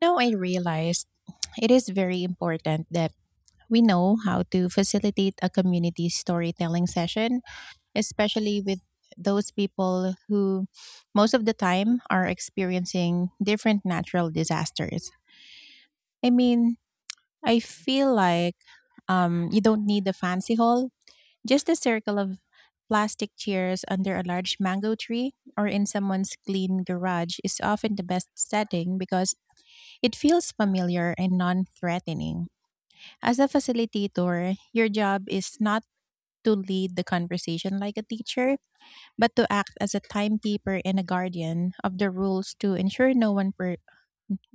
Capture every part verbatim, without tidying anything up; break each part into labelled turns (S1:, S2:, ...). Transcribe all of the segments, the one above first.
S1: Now I realized it is very important that we know how to facilitate a community storytelling session, especially with those people who most of the time are experiencing different natural disasters. I mean, I feel like um, you don't need a fancy hall, just a circle of plastic chairs under a large mango tree or in someone's clean garage is often the best setting because it feels familiar and non threatening. As a facilitator, your job is not to lead the conversation like a teacher, but to act as a timekeeper and a guardian of the rules to ensure no one per,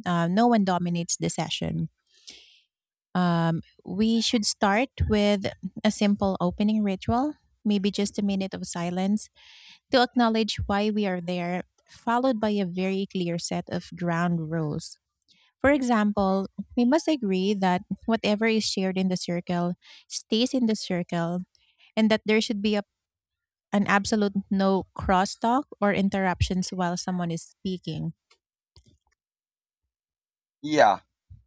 S1: uh, no one dominates the session. Um, we should start with a simple opening ritual, maybe just a minute of silence to acknowledge why we are there, followed by a very clear set of ground rules. For example, we must agree that whatever is shared in the circle stays in the circle and that there should be a, an absolute no crosstalk or interruptions while someone is speaking.
S2: Yeah,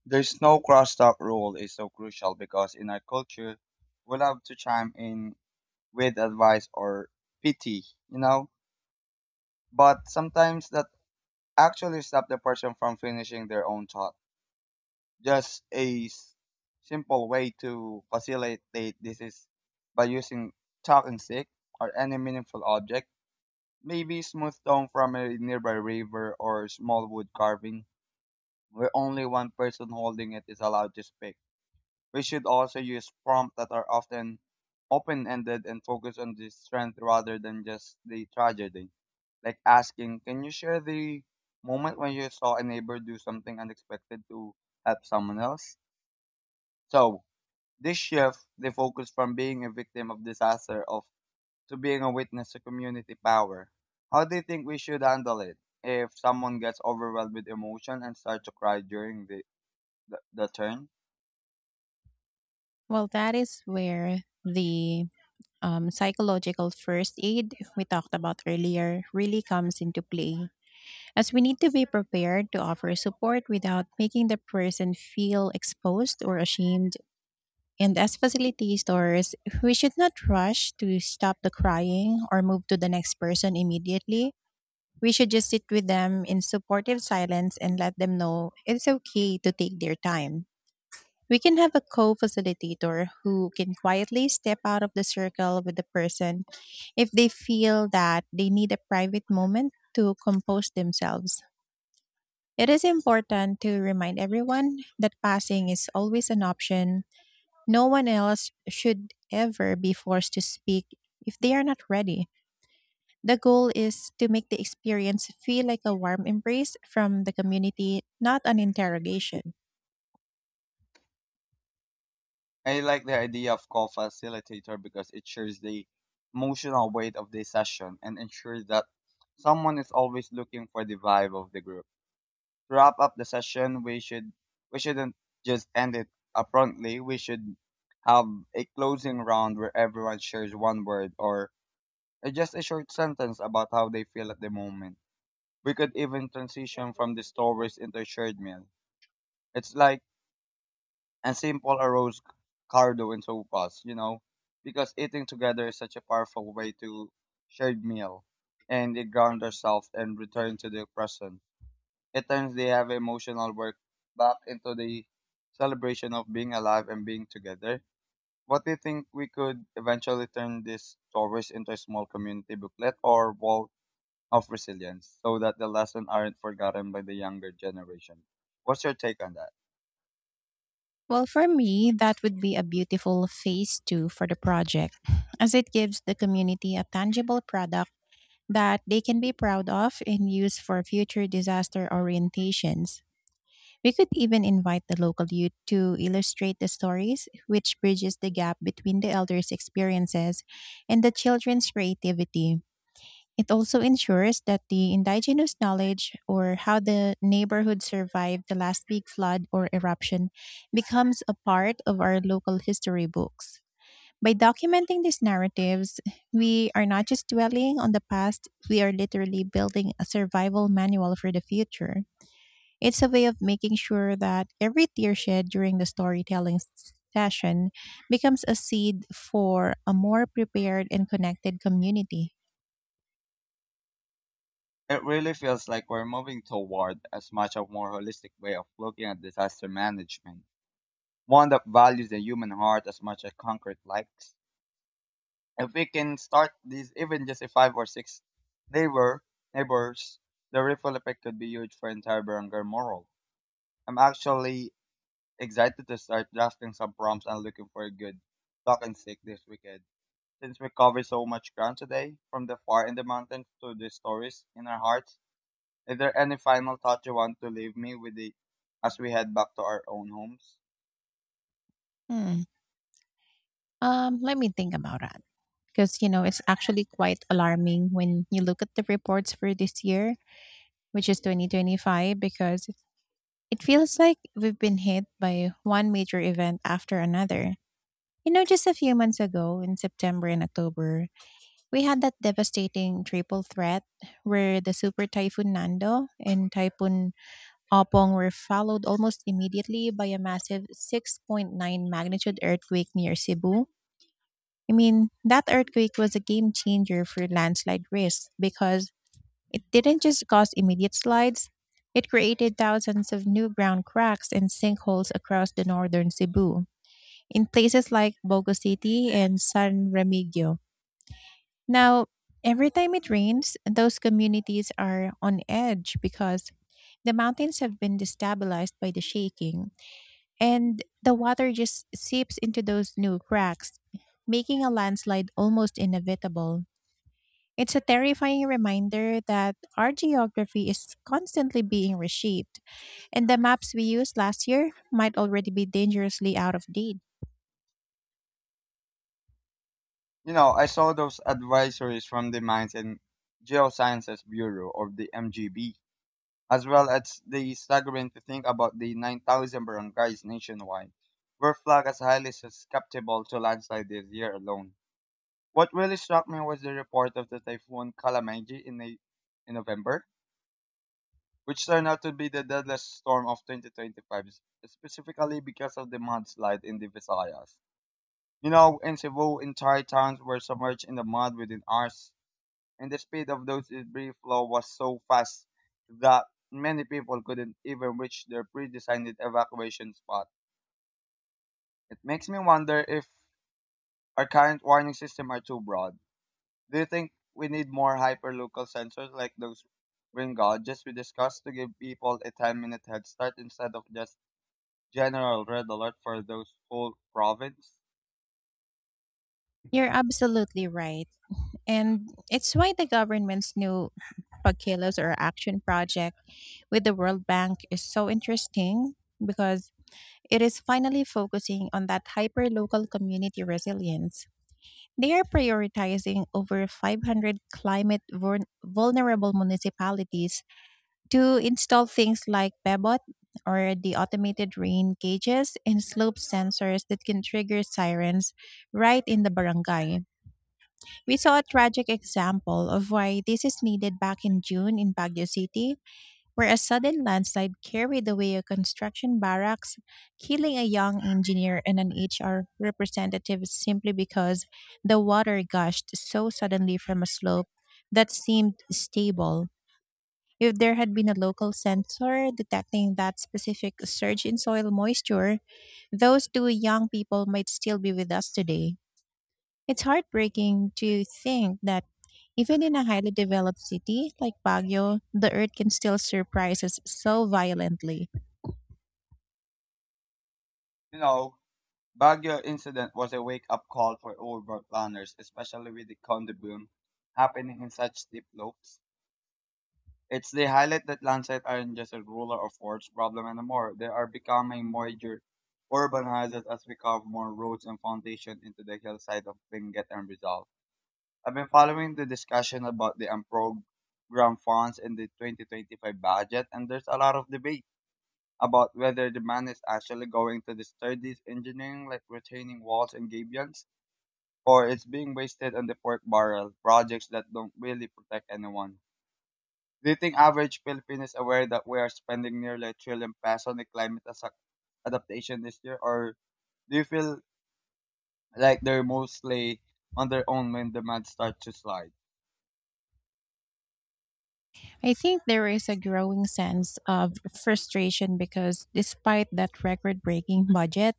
S2: there's no crosstalk rule is so crucial because in our culture, we love to chime in with advice or pity, you know? But sometimes that actually stop the person from finishing their own thought. Just a s- simple way to facilitate this is by using talking stick or any meaningful object, maybe smooth stone from a nearby river or small wood carving where only one person holding it is allowed to speak. We should also use prompts that are often open-ended and focus on the strength rather than just the tragedy. Like asking, can you share the moment when you saw a neighbor do something unexpected to help someone else? So this shift the focus from being a victim of disaster of to being a witness to community power. How do you think we should handle it if someone gets overwhelmed with emotion and starts to cry during the, the, the turn?
S1: Well, that is where the um, psychological first aid we talked about earlier really comes into play, as we need to be prepared to offer support without making the person feel exposed or ashamed. And as facility stores, we should not rush to stop the crying or move to the next person immediately. We should just sit with them in supportive silence and let them know it's okay to take their time. We can have a co facilitator who can quietly step out of the circle with the person if they feel that they need a private moment to compose themselves. It is important to remind everyone that passing is always an option. No one else should ever be forced to speak if they are not ready. The goal is to make the experience feel like a warm embrace from the community, not an interrogation.
S2: I like the idea of co-facilitator because it shares the emotional weight of the session and ensures that someone is always looking for the vibe of the group. To wrap up the session, we should we shouldn't just end it abruptly. We should have a closing round where everyone shares one word or just a short sentence about how they feel at the moment. We could even transition from the stories into a shared meal. It's like and simple arroz cardo and sopas, you know, because eating together is such a powerful way to shared meal and it ground ourselves and return to the present. At times they have emotional work back into the celebration of being alive and being together. What do you think we could eventually turn this stories into a small community booklet or wall of resilience so that the lessons aren't forgotten by the younger generation? What's your take on that?
S1: Well, for me, that would be a beautiful phase two for the project, as it gives the community a tangible product that they can be proud of and use for future disaster orientations. We could even invite the local youth to illustrate the stories, which bridges the gap between the elders' experiences and the children's creativity. It also ensures that the indigenous knowledge or how the neighborhood survived the last big flood or eruption becomes a part of our local history books. By documenting these narratives, we are not just dwelling on the past, we are literally building a survival manual for the future. It's a way of making sure that every tear shed during the storytelling s- session becomes a seed for a more prepared and connected community.
S2: It really feels like we're moving toward a much a more holistic way of looking at disaster management, one that values the human heart as much as concrete likes. If we can start these even just a five or six neighbor neighbors, the ripple effect could be huge for entire barangay moral. I'm actually excited to start drafting some prompts and looking for a good talk and stick this weekend. Since we covered so much ground today, from the far in the mountains to the stories in our hearts, is there any final thought you want to leave me with the, as we head back to our own homes?
S1: Hmm. Um, let me think about that. Because, you know, it's actually quite alarming when you look at the reports for this year, which is twenty twenty-five, because it feels like we've been hit by one major event after another. You know, just a few months ago in September and October, we had that devastating triple threat where the super typhoon Nando and typhoon Opong were followed almost immediately by a massive six point nine magnitude earthquake near Cebu. I mean, that earthquake was a game changer for landslide risk because it didn't just cause immediate slides, it created thousands of new ground cracks and sinkholes across the northern Cebu in places like Bogo City and San Remigio. Now, every time it rains, those communities are on edge because the mountains have been destabilized by the shaking, and the water just seeps into those new cracks, making a landslide almost inevitable. It's a terrifying reminder that our geography is constantly being reshaped, and the maps we used last year might already be dangerously out of date.
S2: You know, I saw those advisories from the Mines and Geosciences Bureau or the M G B, as well as the staggering to think about the nine thousand barangays nationwide were flagged as highly susceptible to landslide this year alone. What really struck me was the report of the typhoon Kalamaji in, the, in November, which turned out to be the deadliest storm of twenty twenty-five, specifically because of the mudslide in the Visayas. You know, in Cebu, entire towns were submerged in the mud within hours, and the speed of those debris flow was so fast that many people couldn't even reach their pre-designated evacuation spot. It makes me wonder if our current warning system are too broad. Do you think we need more hyperlocal sensors like those rain gauges we discussed to give people a ten-minute head start instead of just general red alert for those whole province?
S1: You're absolutely right. And it's why the government's new pagkilos or action project with the World Bank is so interesting because it is finally focusing on that hyper-local community resilience. They are prioritizing over five hundred climate vuln- vulnerable municipalities to install things like Bebot or the automated rain gauges and slope sensors that can trigger sirens right in the barangay. We saw a tragic example of why this is needed back in June in Baguio City where a sudden landslide carried away a construction barracks, killing a young engineer and an H R representative simply because the water gushed so suddenly from a slope that seemed stable. If there had been a local sensor detecting that specific surge in soil moisture, those two young people might still be with us today. It's heartbreaking to think that even in a highly developed city like Baguio, the earth can still surprise us so violently.
S2: You know, Baguio incident was a wake up call for urban planners, especially with the condo boom happening in such steep slopes. It's the highlight that landslides aren't just a ruler of words problem anymore. They are becoming more ur- urbanized as we carve more roads and foundation into the hillside of Benguet and Rizal. I've been following the discussion about the unprogrammed funds in the twenty twenty-five budget, and there's a lot of debate about whether the man is actually going to disturb these engineering like retaining walls and gabions, or it's being wasted on the pork barrel projects that don't really protect anyone. Do you think average Filipino is aware that we are spending nearly a trillion pesos on the climate as- adaptation this year, or do you feel like they're mostly on their own when demand starts to slide?
S1: I think there is a growing sense of frustration because despite that record breaking budget,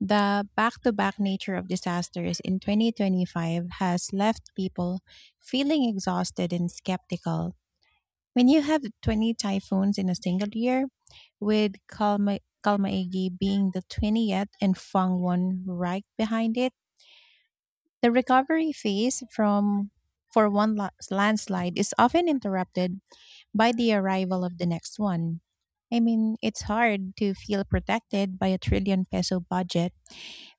S1: the back to back nature of disasters in twenty twenty-five has left people feeling exhausted and skeptical. When you have twenty typhoons in a single year, with Kalma- Kalmaegi being the twentieth and Fangwon right behind it, the recovery phase from for one la- landslide is often interrupted by the arrival of the next one. I mean, it's hard to feel protected by a trillion peso budget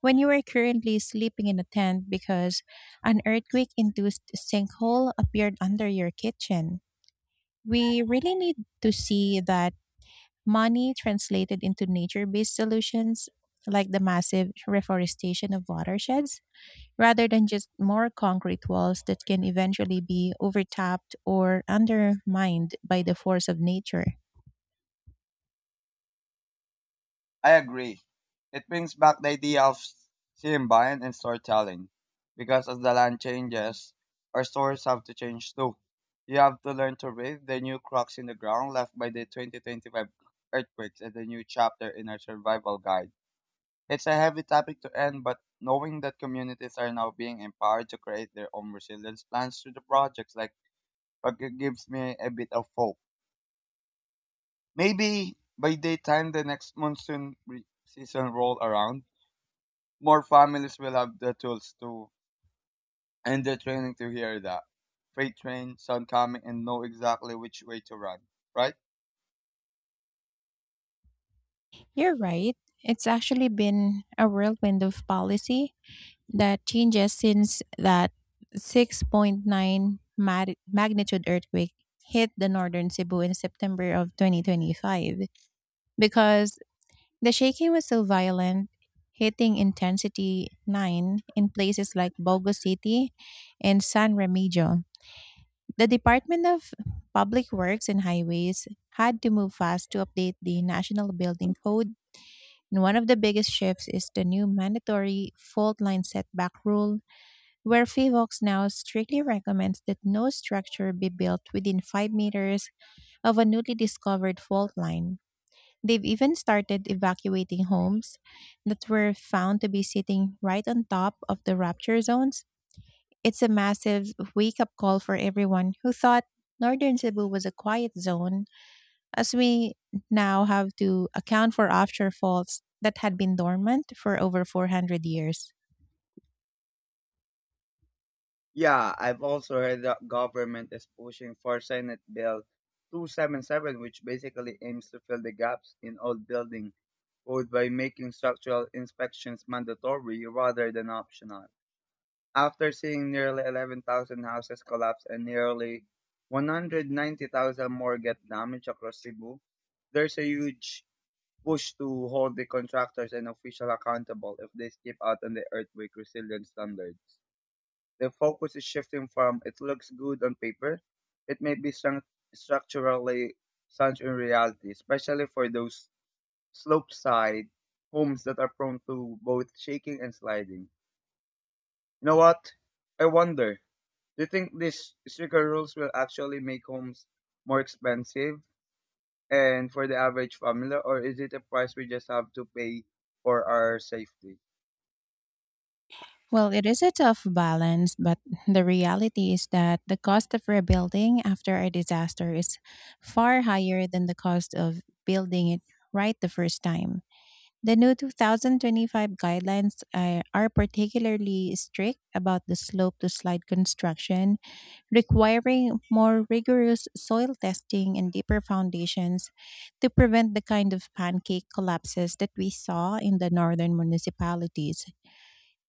S1: when you are currently sleeping in a tent because an earthquake induced sinkhole appeared under your kitchen. We really need to see that money translated into nature based solutions like the massive reforestation of watersheds rather than just more concrete walls that can eventually be overtopped or undermined by the force of nature.
S2: I agree. It brings back the idea of symbiont and storytelling. Because as the land changes, our stories have to change too. You have to learn to read the new cracks in the ground left by the twenty twenty-five earthquakes as a new chapter in our survival guide. It's a heavy topic to end, but knowing that communities are now being empowered to create their own resilience plans through the projects like but it gives me a bit of hope. Maybe by the time the next monsoon re- season roll around, more families will have the tools to and the training to hear that. Freight train, sound coming, and know exactly which way to run, right?
S1: You're right. It's actually been a whirlwind of policy that changes since that six point nine mag- magnitude earthquake hit the northern Cebu in September of twenty twenty-five because the shaking was so violent, hitting intensity nine in places like Bogo City and San Remigio. The Department of Public Works and Highways had to move fast to update the National Building Code. And one of the biggest shifts is the new mandatory fault line setback rule, where F I V O X now strictly recommends that no structure be built within five meters of a newly discovered fault line. They've even started evacuating homes that were found to be sitting right on top of the rupture zones. It's a massive wake up call for everyone who thought northern Cebu was a quiet zone, as we now have to account for offshore faults that had been dormant for over four hundred years.
S2: Yeah, I've also heard that government is pushing for Senate Bill two seven seven, which basically aims to fill the gaps in old building code by making structural inspections mandatory rather than optional. After seeing nearly eleven thousand houses collapse and nearly one hundred ninety thousand more get damaged across Cebu, there's a huge push to hold the contractors and officials accountable if they skip out on the earthquake resilience standards. The focus is shifting from it looks good on paper, it may be stru- structurally such in reality, especially for those slope side homes that are prone to both shaking and sliding. You know what? I wonder. Do you think these stricter rules will actually make homes more expensive and for the average family, or is it a price we just have to pay for our safety?
S1: Well, it is a tough balance, but the reality is that the cost of rebuilding after a disaster is far higher than the cost of building it right the first time. The new two thousand twenty-five guidelines uh, are particularly strict about the slope to slide construction requiring more rigorous soil testing and deeper foundations to prevent the kind of pancake collapses that we saw in the northern municipalities.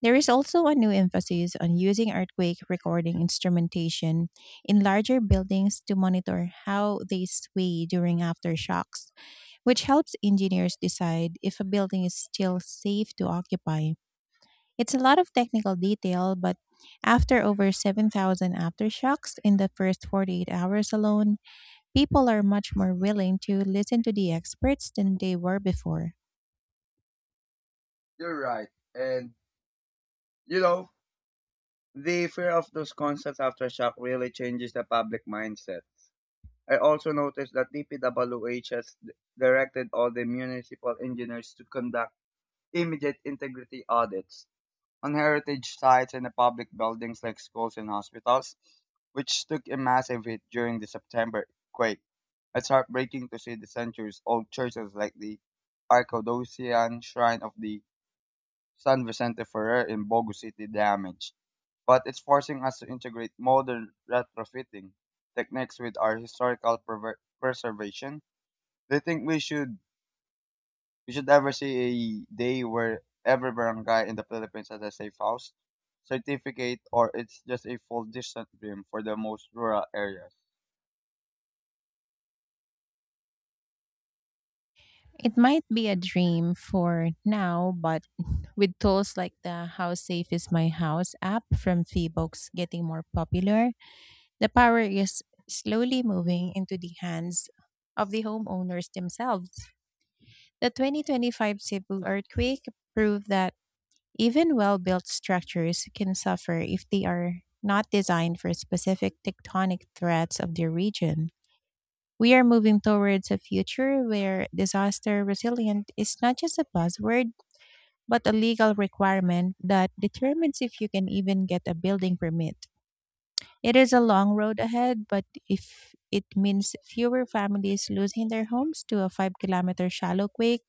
S1: There is also a new emphasis on using earthquake recording instrumentation in larger buildings to monitor how they sway during aftershocks, which helps engineers decide if a building is still safe to occupy. It's a lot of technical detail, but after over seven thousand aftershocks in the first forty-eight hours alone, people are much more willing to listen to the experts than they were before.
S2: You're right. And, you know, the fear of those constant aftershock really changes the public mindset. I also noticed that D P W H has d- directed all the municipal engineers to conduct immediate integrity audits on heritage sites and the public buildings like schools and hospitals, which took a massive hit during the September quake. It's heartbreaking to see the centuries old churches like the Arcadocian Shrine of the San Vicente Ferrer in Bogo City damaged, but it's forcing us to integrate modern retrofitting techniques with our historical prever- preservation. Do you think we should we should ever see a day where every barangay in the Philippines has a safe house certificate, or it's just a full distant dream for the most rural areas?
S1: It might be a dream for now, but with tools like the How Safe is My House app from Feebooks getting more popular, the power is slowly moving into the hands of the homeowners themselves. The twenty twenty-five Cebu earthquake proved that even well built structures can suffer if they are not designed for specific tectonic threats of their region. We are moving towards a future where disaster resilient is not just a buzzword, but a legal requirement that determines if you can even get a building permit. It is a long road ahead, but if it means fewer families losing their homes to a five kilometer shallow quake,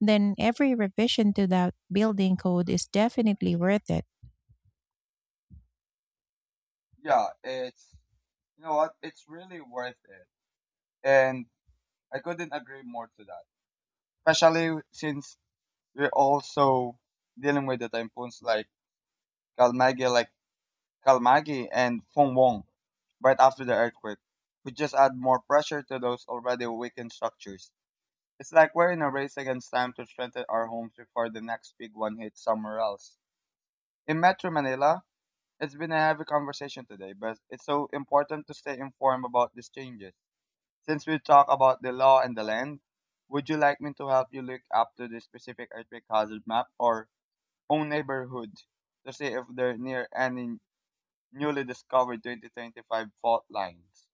S1: then every revision to that building code is definitely worth it.
S2: Yeah, it's you know what? It's really worth it, and I couldn't agree more to that. Especially since we're also dealing with the typhoons like Kalmagi, like Kalmagi and Fongwong right after the earthquake, which just add more pressure to those already weakened structures. It's like we're in a race against time to strengthen our homes before the next big one hits somewhere else. In Metro Manila, it's been a heavy conversation today, but it's so important to stay informed about these changes. Since we talk about the law and the land, would you like me to help you look up to the specific earthquake hazard map or own neighborhood to see if they're near any newly discovered twenty twenty-five fault lines?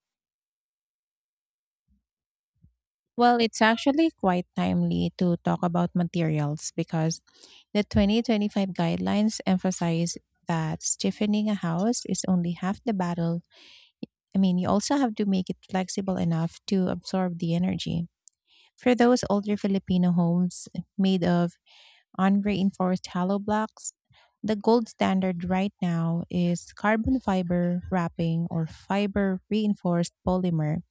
S1: Well, it's actually quite timely to talk about materials because the twenty twenty-five guidelines emphasize that stiffening a house is only half the battle. I mean, you also have to make it flexible enough to absorb the energy. For those older Filipino homes made of unreinforced hollow blocks, the gold standard right now is carbon fiber wrapping or fiber reinforced polymer.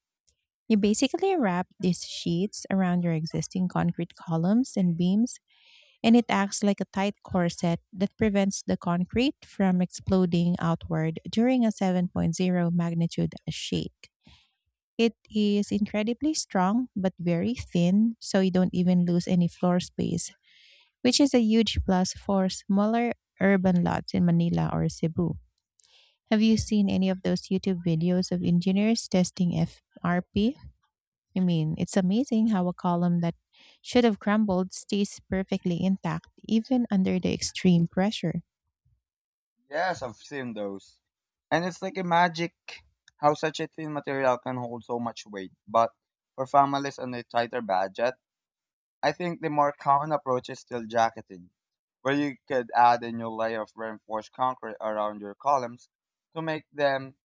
S1: You basically wrap these sheets around your existing concrete columns and beams, and it acts like a tight corset that prevents the concrete from exploding outward during a 7.0 magnitude shake. It is incredibly strong but very thin, so you don't even lose any floor space, which is a huge plus for smaller urban lots in Manila or Cebu. Have you seen any of those YouTube videos of engineers testing F R P? I mean, it's amazing how a column that should have crumbled stays perfectly intact even under the extreme pressure.
S2: Yes, I've seen those. And it's like a magic how such a thin material can hold so much weight. But for families on a tighter budget, I think the more common approach is steel jacketing, where you could add a new layer of reinforced concrete around your columns to make them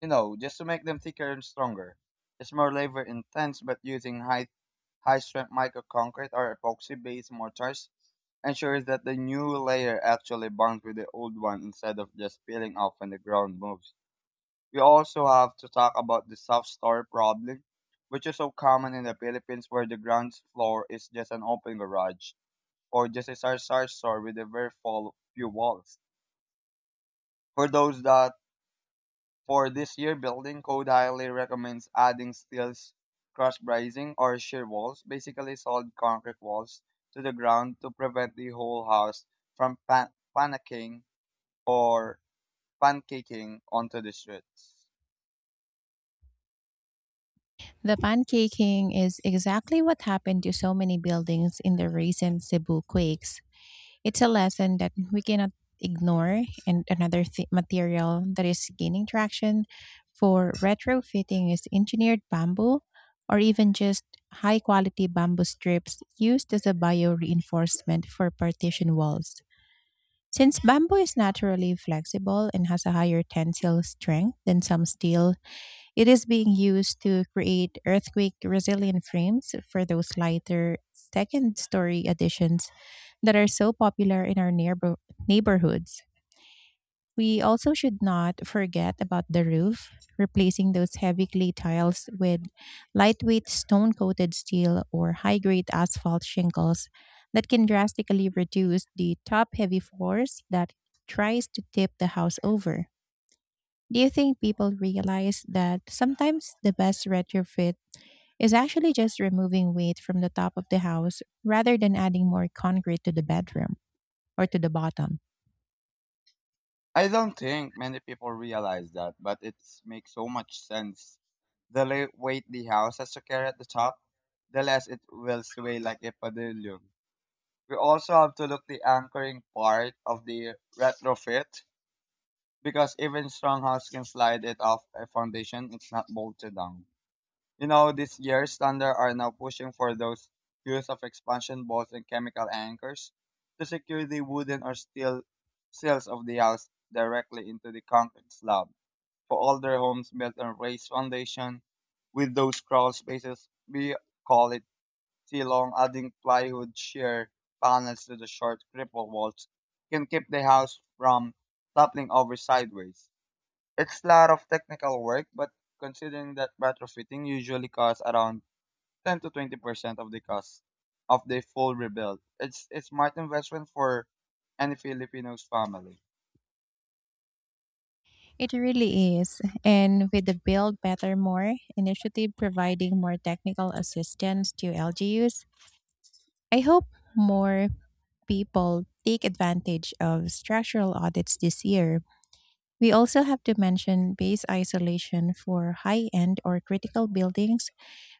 S2: you know, just to make them thicker and stronger. It's more labor intense, but using high high strength microconcrete or epoxy based mortars ensures that the new layer actually bonds with the old one instead of just peeling off when the ground moves. We also have to talk about the soft store problem, which is so common in the Philippines where the ground floor is just an open garage or just a sarsa store with a very full few walls. For those that For this year, building code highly recommends adding steels, cross bracing, or shear walls, basically solid concrete walls, to the ground to prevent the whole house from pan- panicking or pancaking onto the streets.
S1: The pancaking is exactly what happened to so many buildings in the recent Cebu quakes. It's a lesson that we cannot ignore, and another th- material that is gaining traction for retrofitting is engineered bamboo or even just high quality bamboo strips used as a bio reinforcement for partition walls. Since bamboo is naturally flexible and has a higher tensile strength than some steel, it is being used to create earthquake resilient frames for those lighter second story additions that are so popular in our neighbor- neighborhoods. We also should not forget about the roof, replacing those heavy clay tiles with lightweight stone coated steel or high grade asphalt shingles that can drastically reduce the top heavy floors that tries to tip the house over. Do you think people realize that sometimes the best retrofit is actually just removing weight from the top of the house rather than adding more concrete to the bedroom or to the bottom?
S2: I don't think many people realize that, but it makes so much sense. The le- weight the house has to carry at the top, the less it will sway like a pendulum. We also have to look the anchoring part of the retrofit because even strong house can slide it off a foundation it's not bolted down. You know, this year standard are now pushing for those use of expansion bolts and chemical anchors to secure the wooden or steel sills of the house directly into the concrete slab. For older homes built on raised foundation with those crawl spaces, we call it T-long, adding plywood shear panels to the short cripple walls can keep the house from toppling over sideways. It's a lot of technical work, but considering that retrofitting usually costs around ten to twenty percent of the cost of the full rebuild, it's a smart investment for any Filipino's family.
S1: It really is. And with the Build Better More initiative providing more technical assistance to L G Us, I hope more people take advantage of structural audits this year. We also have to mention base isolation for high end or critical buildings,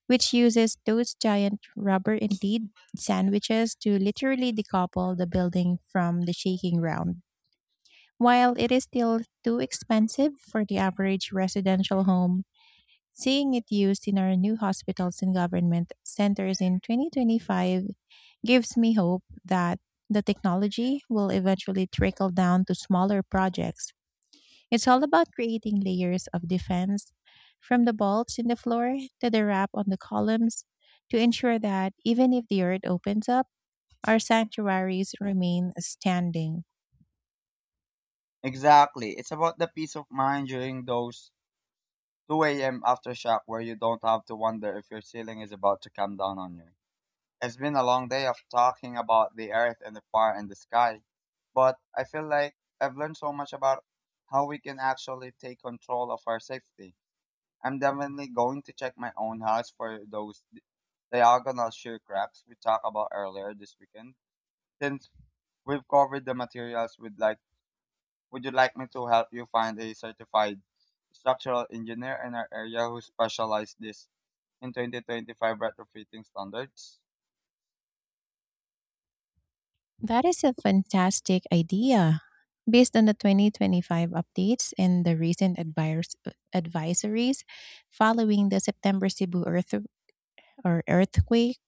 S1: which uses those giant rubber indeed sandwiches to literally decouple the building from the shaking ground. While it is still too expensive for the average residential home, seeing it used in our new hospitals and government centers in twenty twenty-five gives me hope that the technology will eventually trickle down to smaller projects. It's all about creating layers of defense from the bolts in the floor to the wrap on the columns to ensure that even if the earth opens up, our sanctuaries remain standing.
S2: Exactly. It's about the peace of mind during those two a m aftershock where you don't have to wonder if your ceiling is about to come down on you. It's been a long day of talking about the earth and the fire and the sky, but I feel like I've learned so much about how we can actually take control of our safety. I'm definitely going to check my own house for those di- diagonal shear cracks we talked about earlier this weekend. Since we've covered the materials, would like would you like me to help you find a certified structural engineer in our area who specialized this in twenty twenty-five retrofitting standards?
S1: That is a fantastic idea. Based on the twenty twenty-five updates and the recent advise- advisories following the September Cebu earth or earthquake,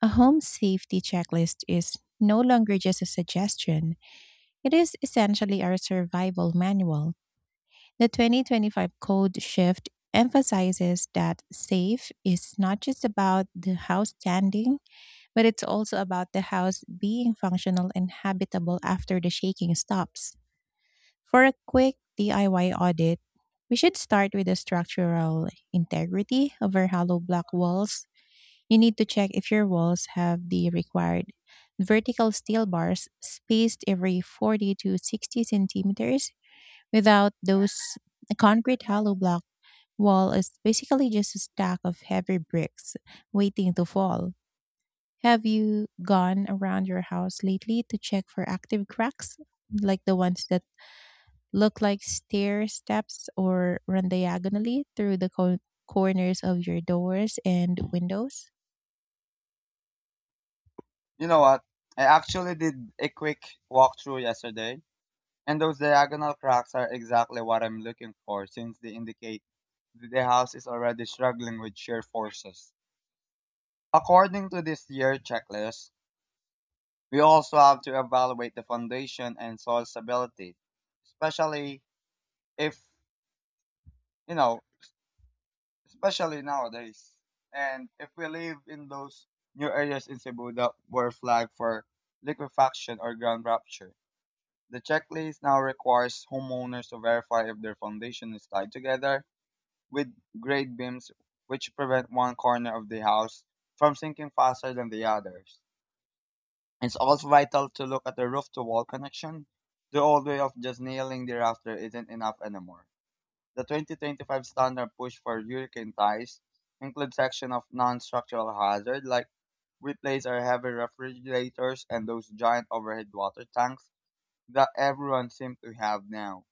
S1: a home safety checklist is no longer just a suggestion. It is essentially our survival manual. The twenty twenty-five code shift emphasizes that safe is not just about the house standing, but it's also about the house being functional and habitable after the shaking stops. For a quick D I Y audit, we should start with the structural integrity of our hollow block walls. You need to check if your walls have the required vertical steel bars spaced every forty to sixty centimeters. Without those, a concrete hollow block wall is basically just a stack of heavy bricks waiting to fall. Have you gone around your house lately to check for active cracks, like the ones that look like stair steps or run diagonally through the co- corners of your doors and windows?
S2: You know what? I actually did a quick walkthrough yesterday, and those diagonal cracks are exactly what I'm looking for since they indicate that the house is already struggling with shear forces. According to this year checklist, we also have to evaluate the foundation and soil stability, especially if, you know, especially nowadays. And if we live in those new areas in Cebu that were flagged for liquefaction or ground rupture, the checklist now requires homeowners to verify if their foundation is tied together with grade beams, which prevent one corner of the house from sinking faster than the others. It's also vital to look at the roof to wall connection. The old way of just nailing the rafter isn't enough anymore. The twenty twenty-five standard push for hurricane ties includes section of non-structural hazard like replace our heavy refrigerators and those giant overhead water tanks that everyone seems to have now.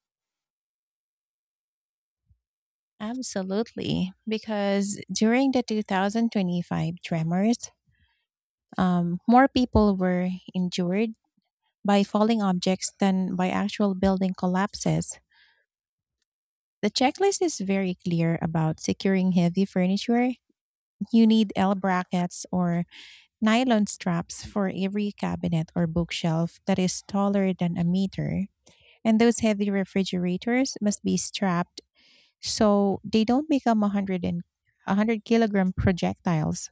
S1: Absolutely, because during the twenty twenty-five tremors, um, more people were injured by falling objects than by actual building collapses. The checklist is very clear about securing heavy furniture. You need L brackets or nylon straps for every cabinet or bookshelf that is taller than a meter. And those heavy refrigerators must be strapped so they don't become 100 and one hundred kilogram projectiles.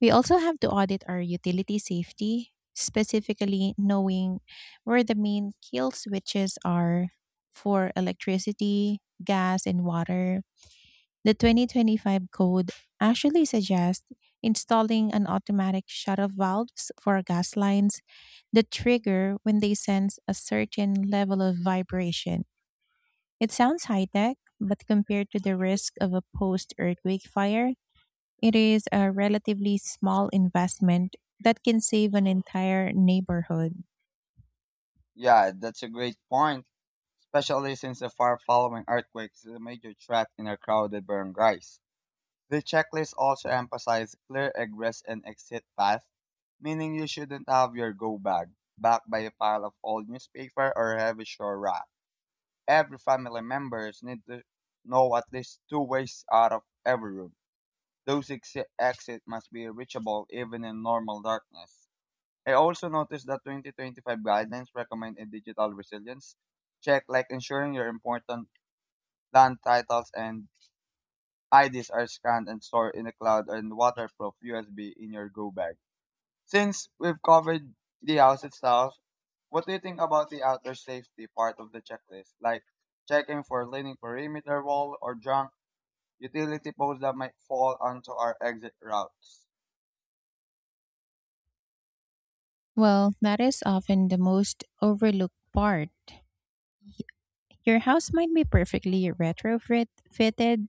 S1: We also have to audit our utility safety, specifically knowing where the main kill switches are for electricity, gas, and water. The twenty twenty-five code actually suggests installing an automatic shut off valves for gas lines that trigger when they sense a certain level of vibration. It sounds high tech, but compared to the risk of a post earthquake fire, it is a relatively small investment that can save an entire neighborhood.
S2: Yeah, that's a great point, especially since the far following earthquakes is a major threat in our crowded barangays. The checklist also emphasized clear egress and exit paths, meaning you shouldn't have your go bag backed by a pile of old newspaper or heavy shore wrap. Every family members need to know at least two ways out of every room. Those exi- exit must be reachable even in normal darkness. I also noticed that twenty twenty-five guidelines recommend a digital resilience check like ensuring your important land titles and I Ds are scanned and stored in the cloud and waterproof U S B in your go bag. Since we've covered the house itself, what do you think about the outdoor safety part of the checklist? Like checking for leaning perimeter wall or junk utility poles that might fall onto our exit routes.
S1: Well, that is often the most overlooked part. Your house might be perfectly retrofit fitted,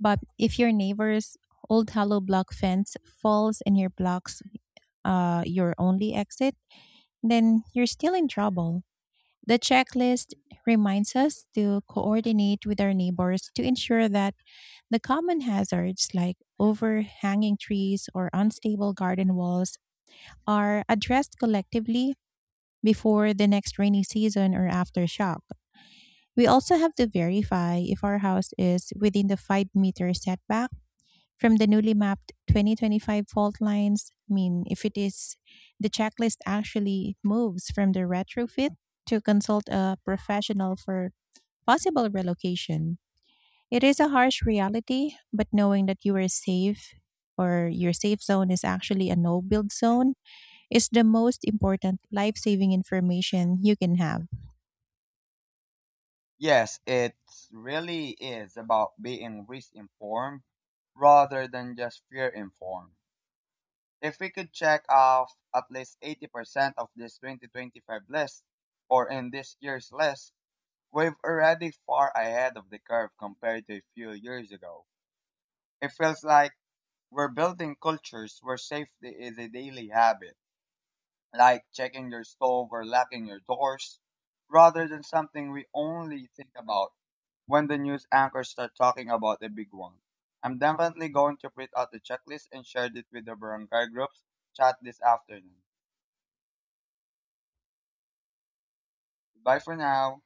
S1: but if your neighbor's old hollow block fence falls and your blocks uh, your only exit, then you're still in trouble. The checklist reminds us to coordinate with our neighbors to ensure that the common hazards like overhanging trees or unstable garden walls are addressed collectively before the next rainy season or aftershock. We also have to verify if our house is within the five meter setback from the newly mapped twenty twenty-five fault lines. I mean, if it is, the checklist actually moves from the retrofit to consult a professional for possible relocation. It is a harsh reality, but knowing that you are safe or your safe zone is actually a no build zone is the most important life saving information you can have.
S2: Yes, it really is about being risk informed rather than just fear informed. If we could check off at least eighty percent of this twenty twenty-five list, or in this year's list, we're already far ahead of the curve compared to a few years ago. It feels like we're building cultures where safety is a daily habit, like checking your stove or locking your doors, rather than something we only think about when the news anchors start talking about a big one. I'm definitely going to print out the checklist and share it with the barangay groups chat this afternoon. Bye for now.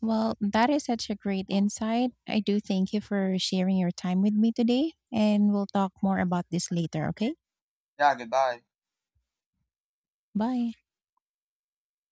S1: Well, that is such a great insight. I do thank you for sharing your time with me today, and we'll talk more about this later, okay?
S2: Yeah, goodbye.
S1: Bye.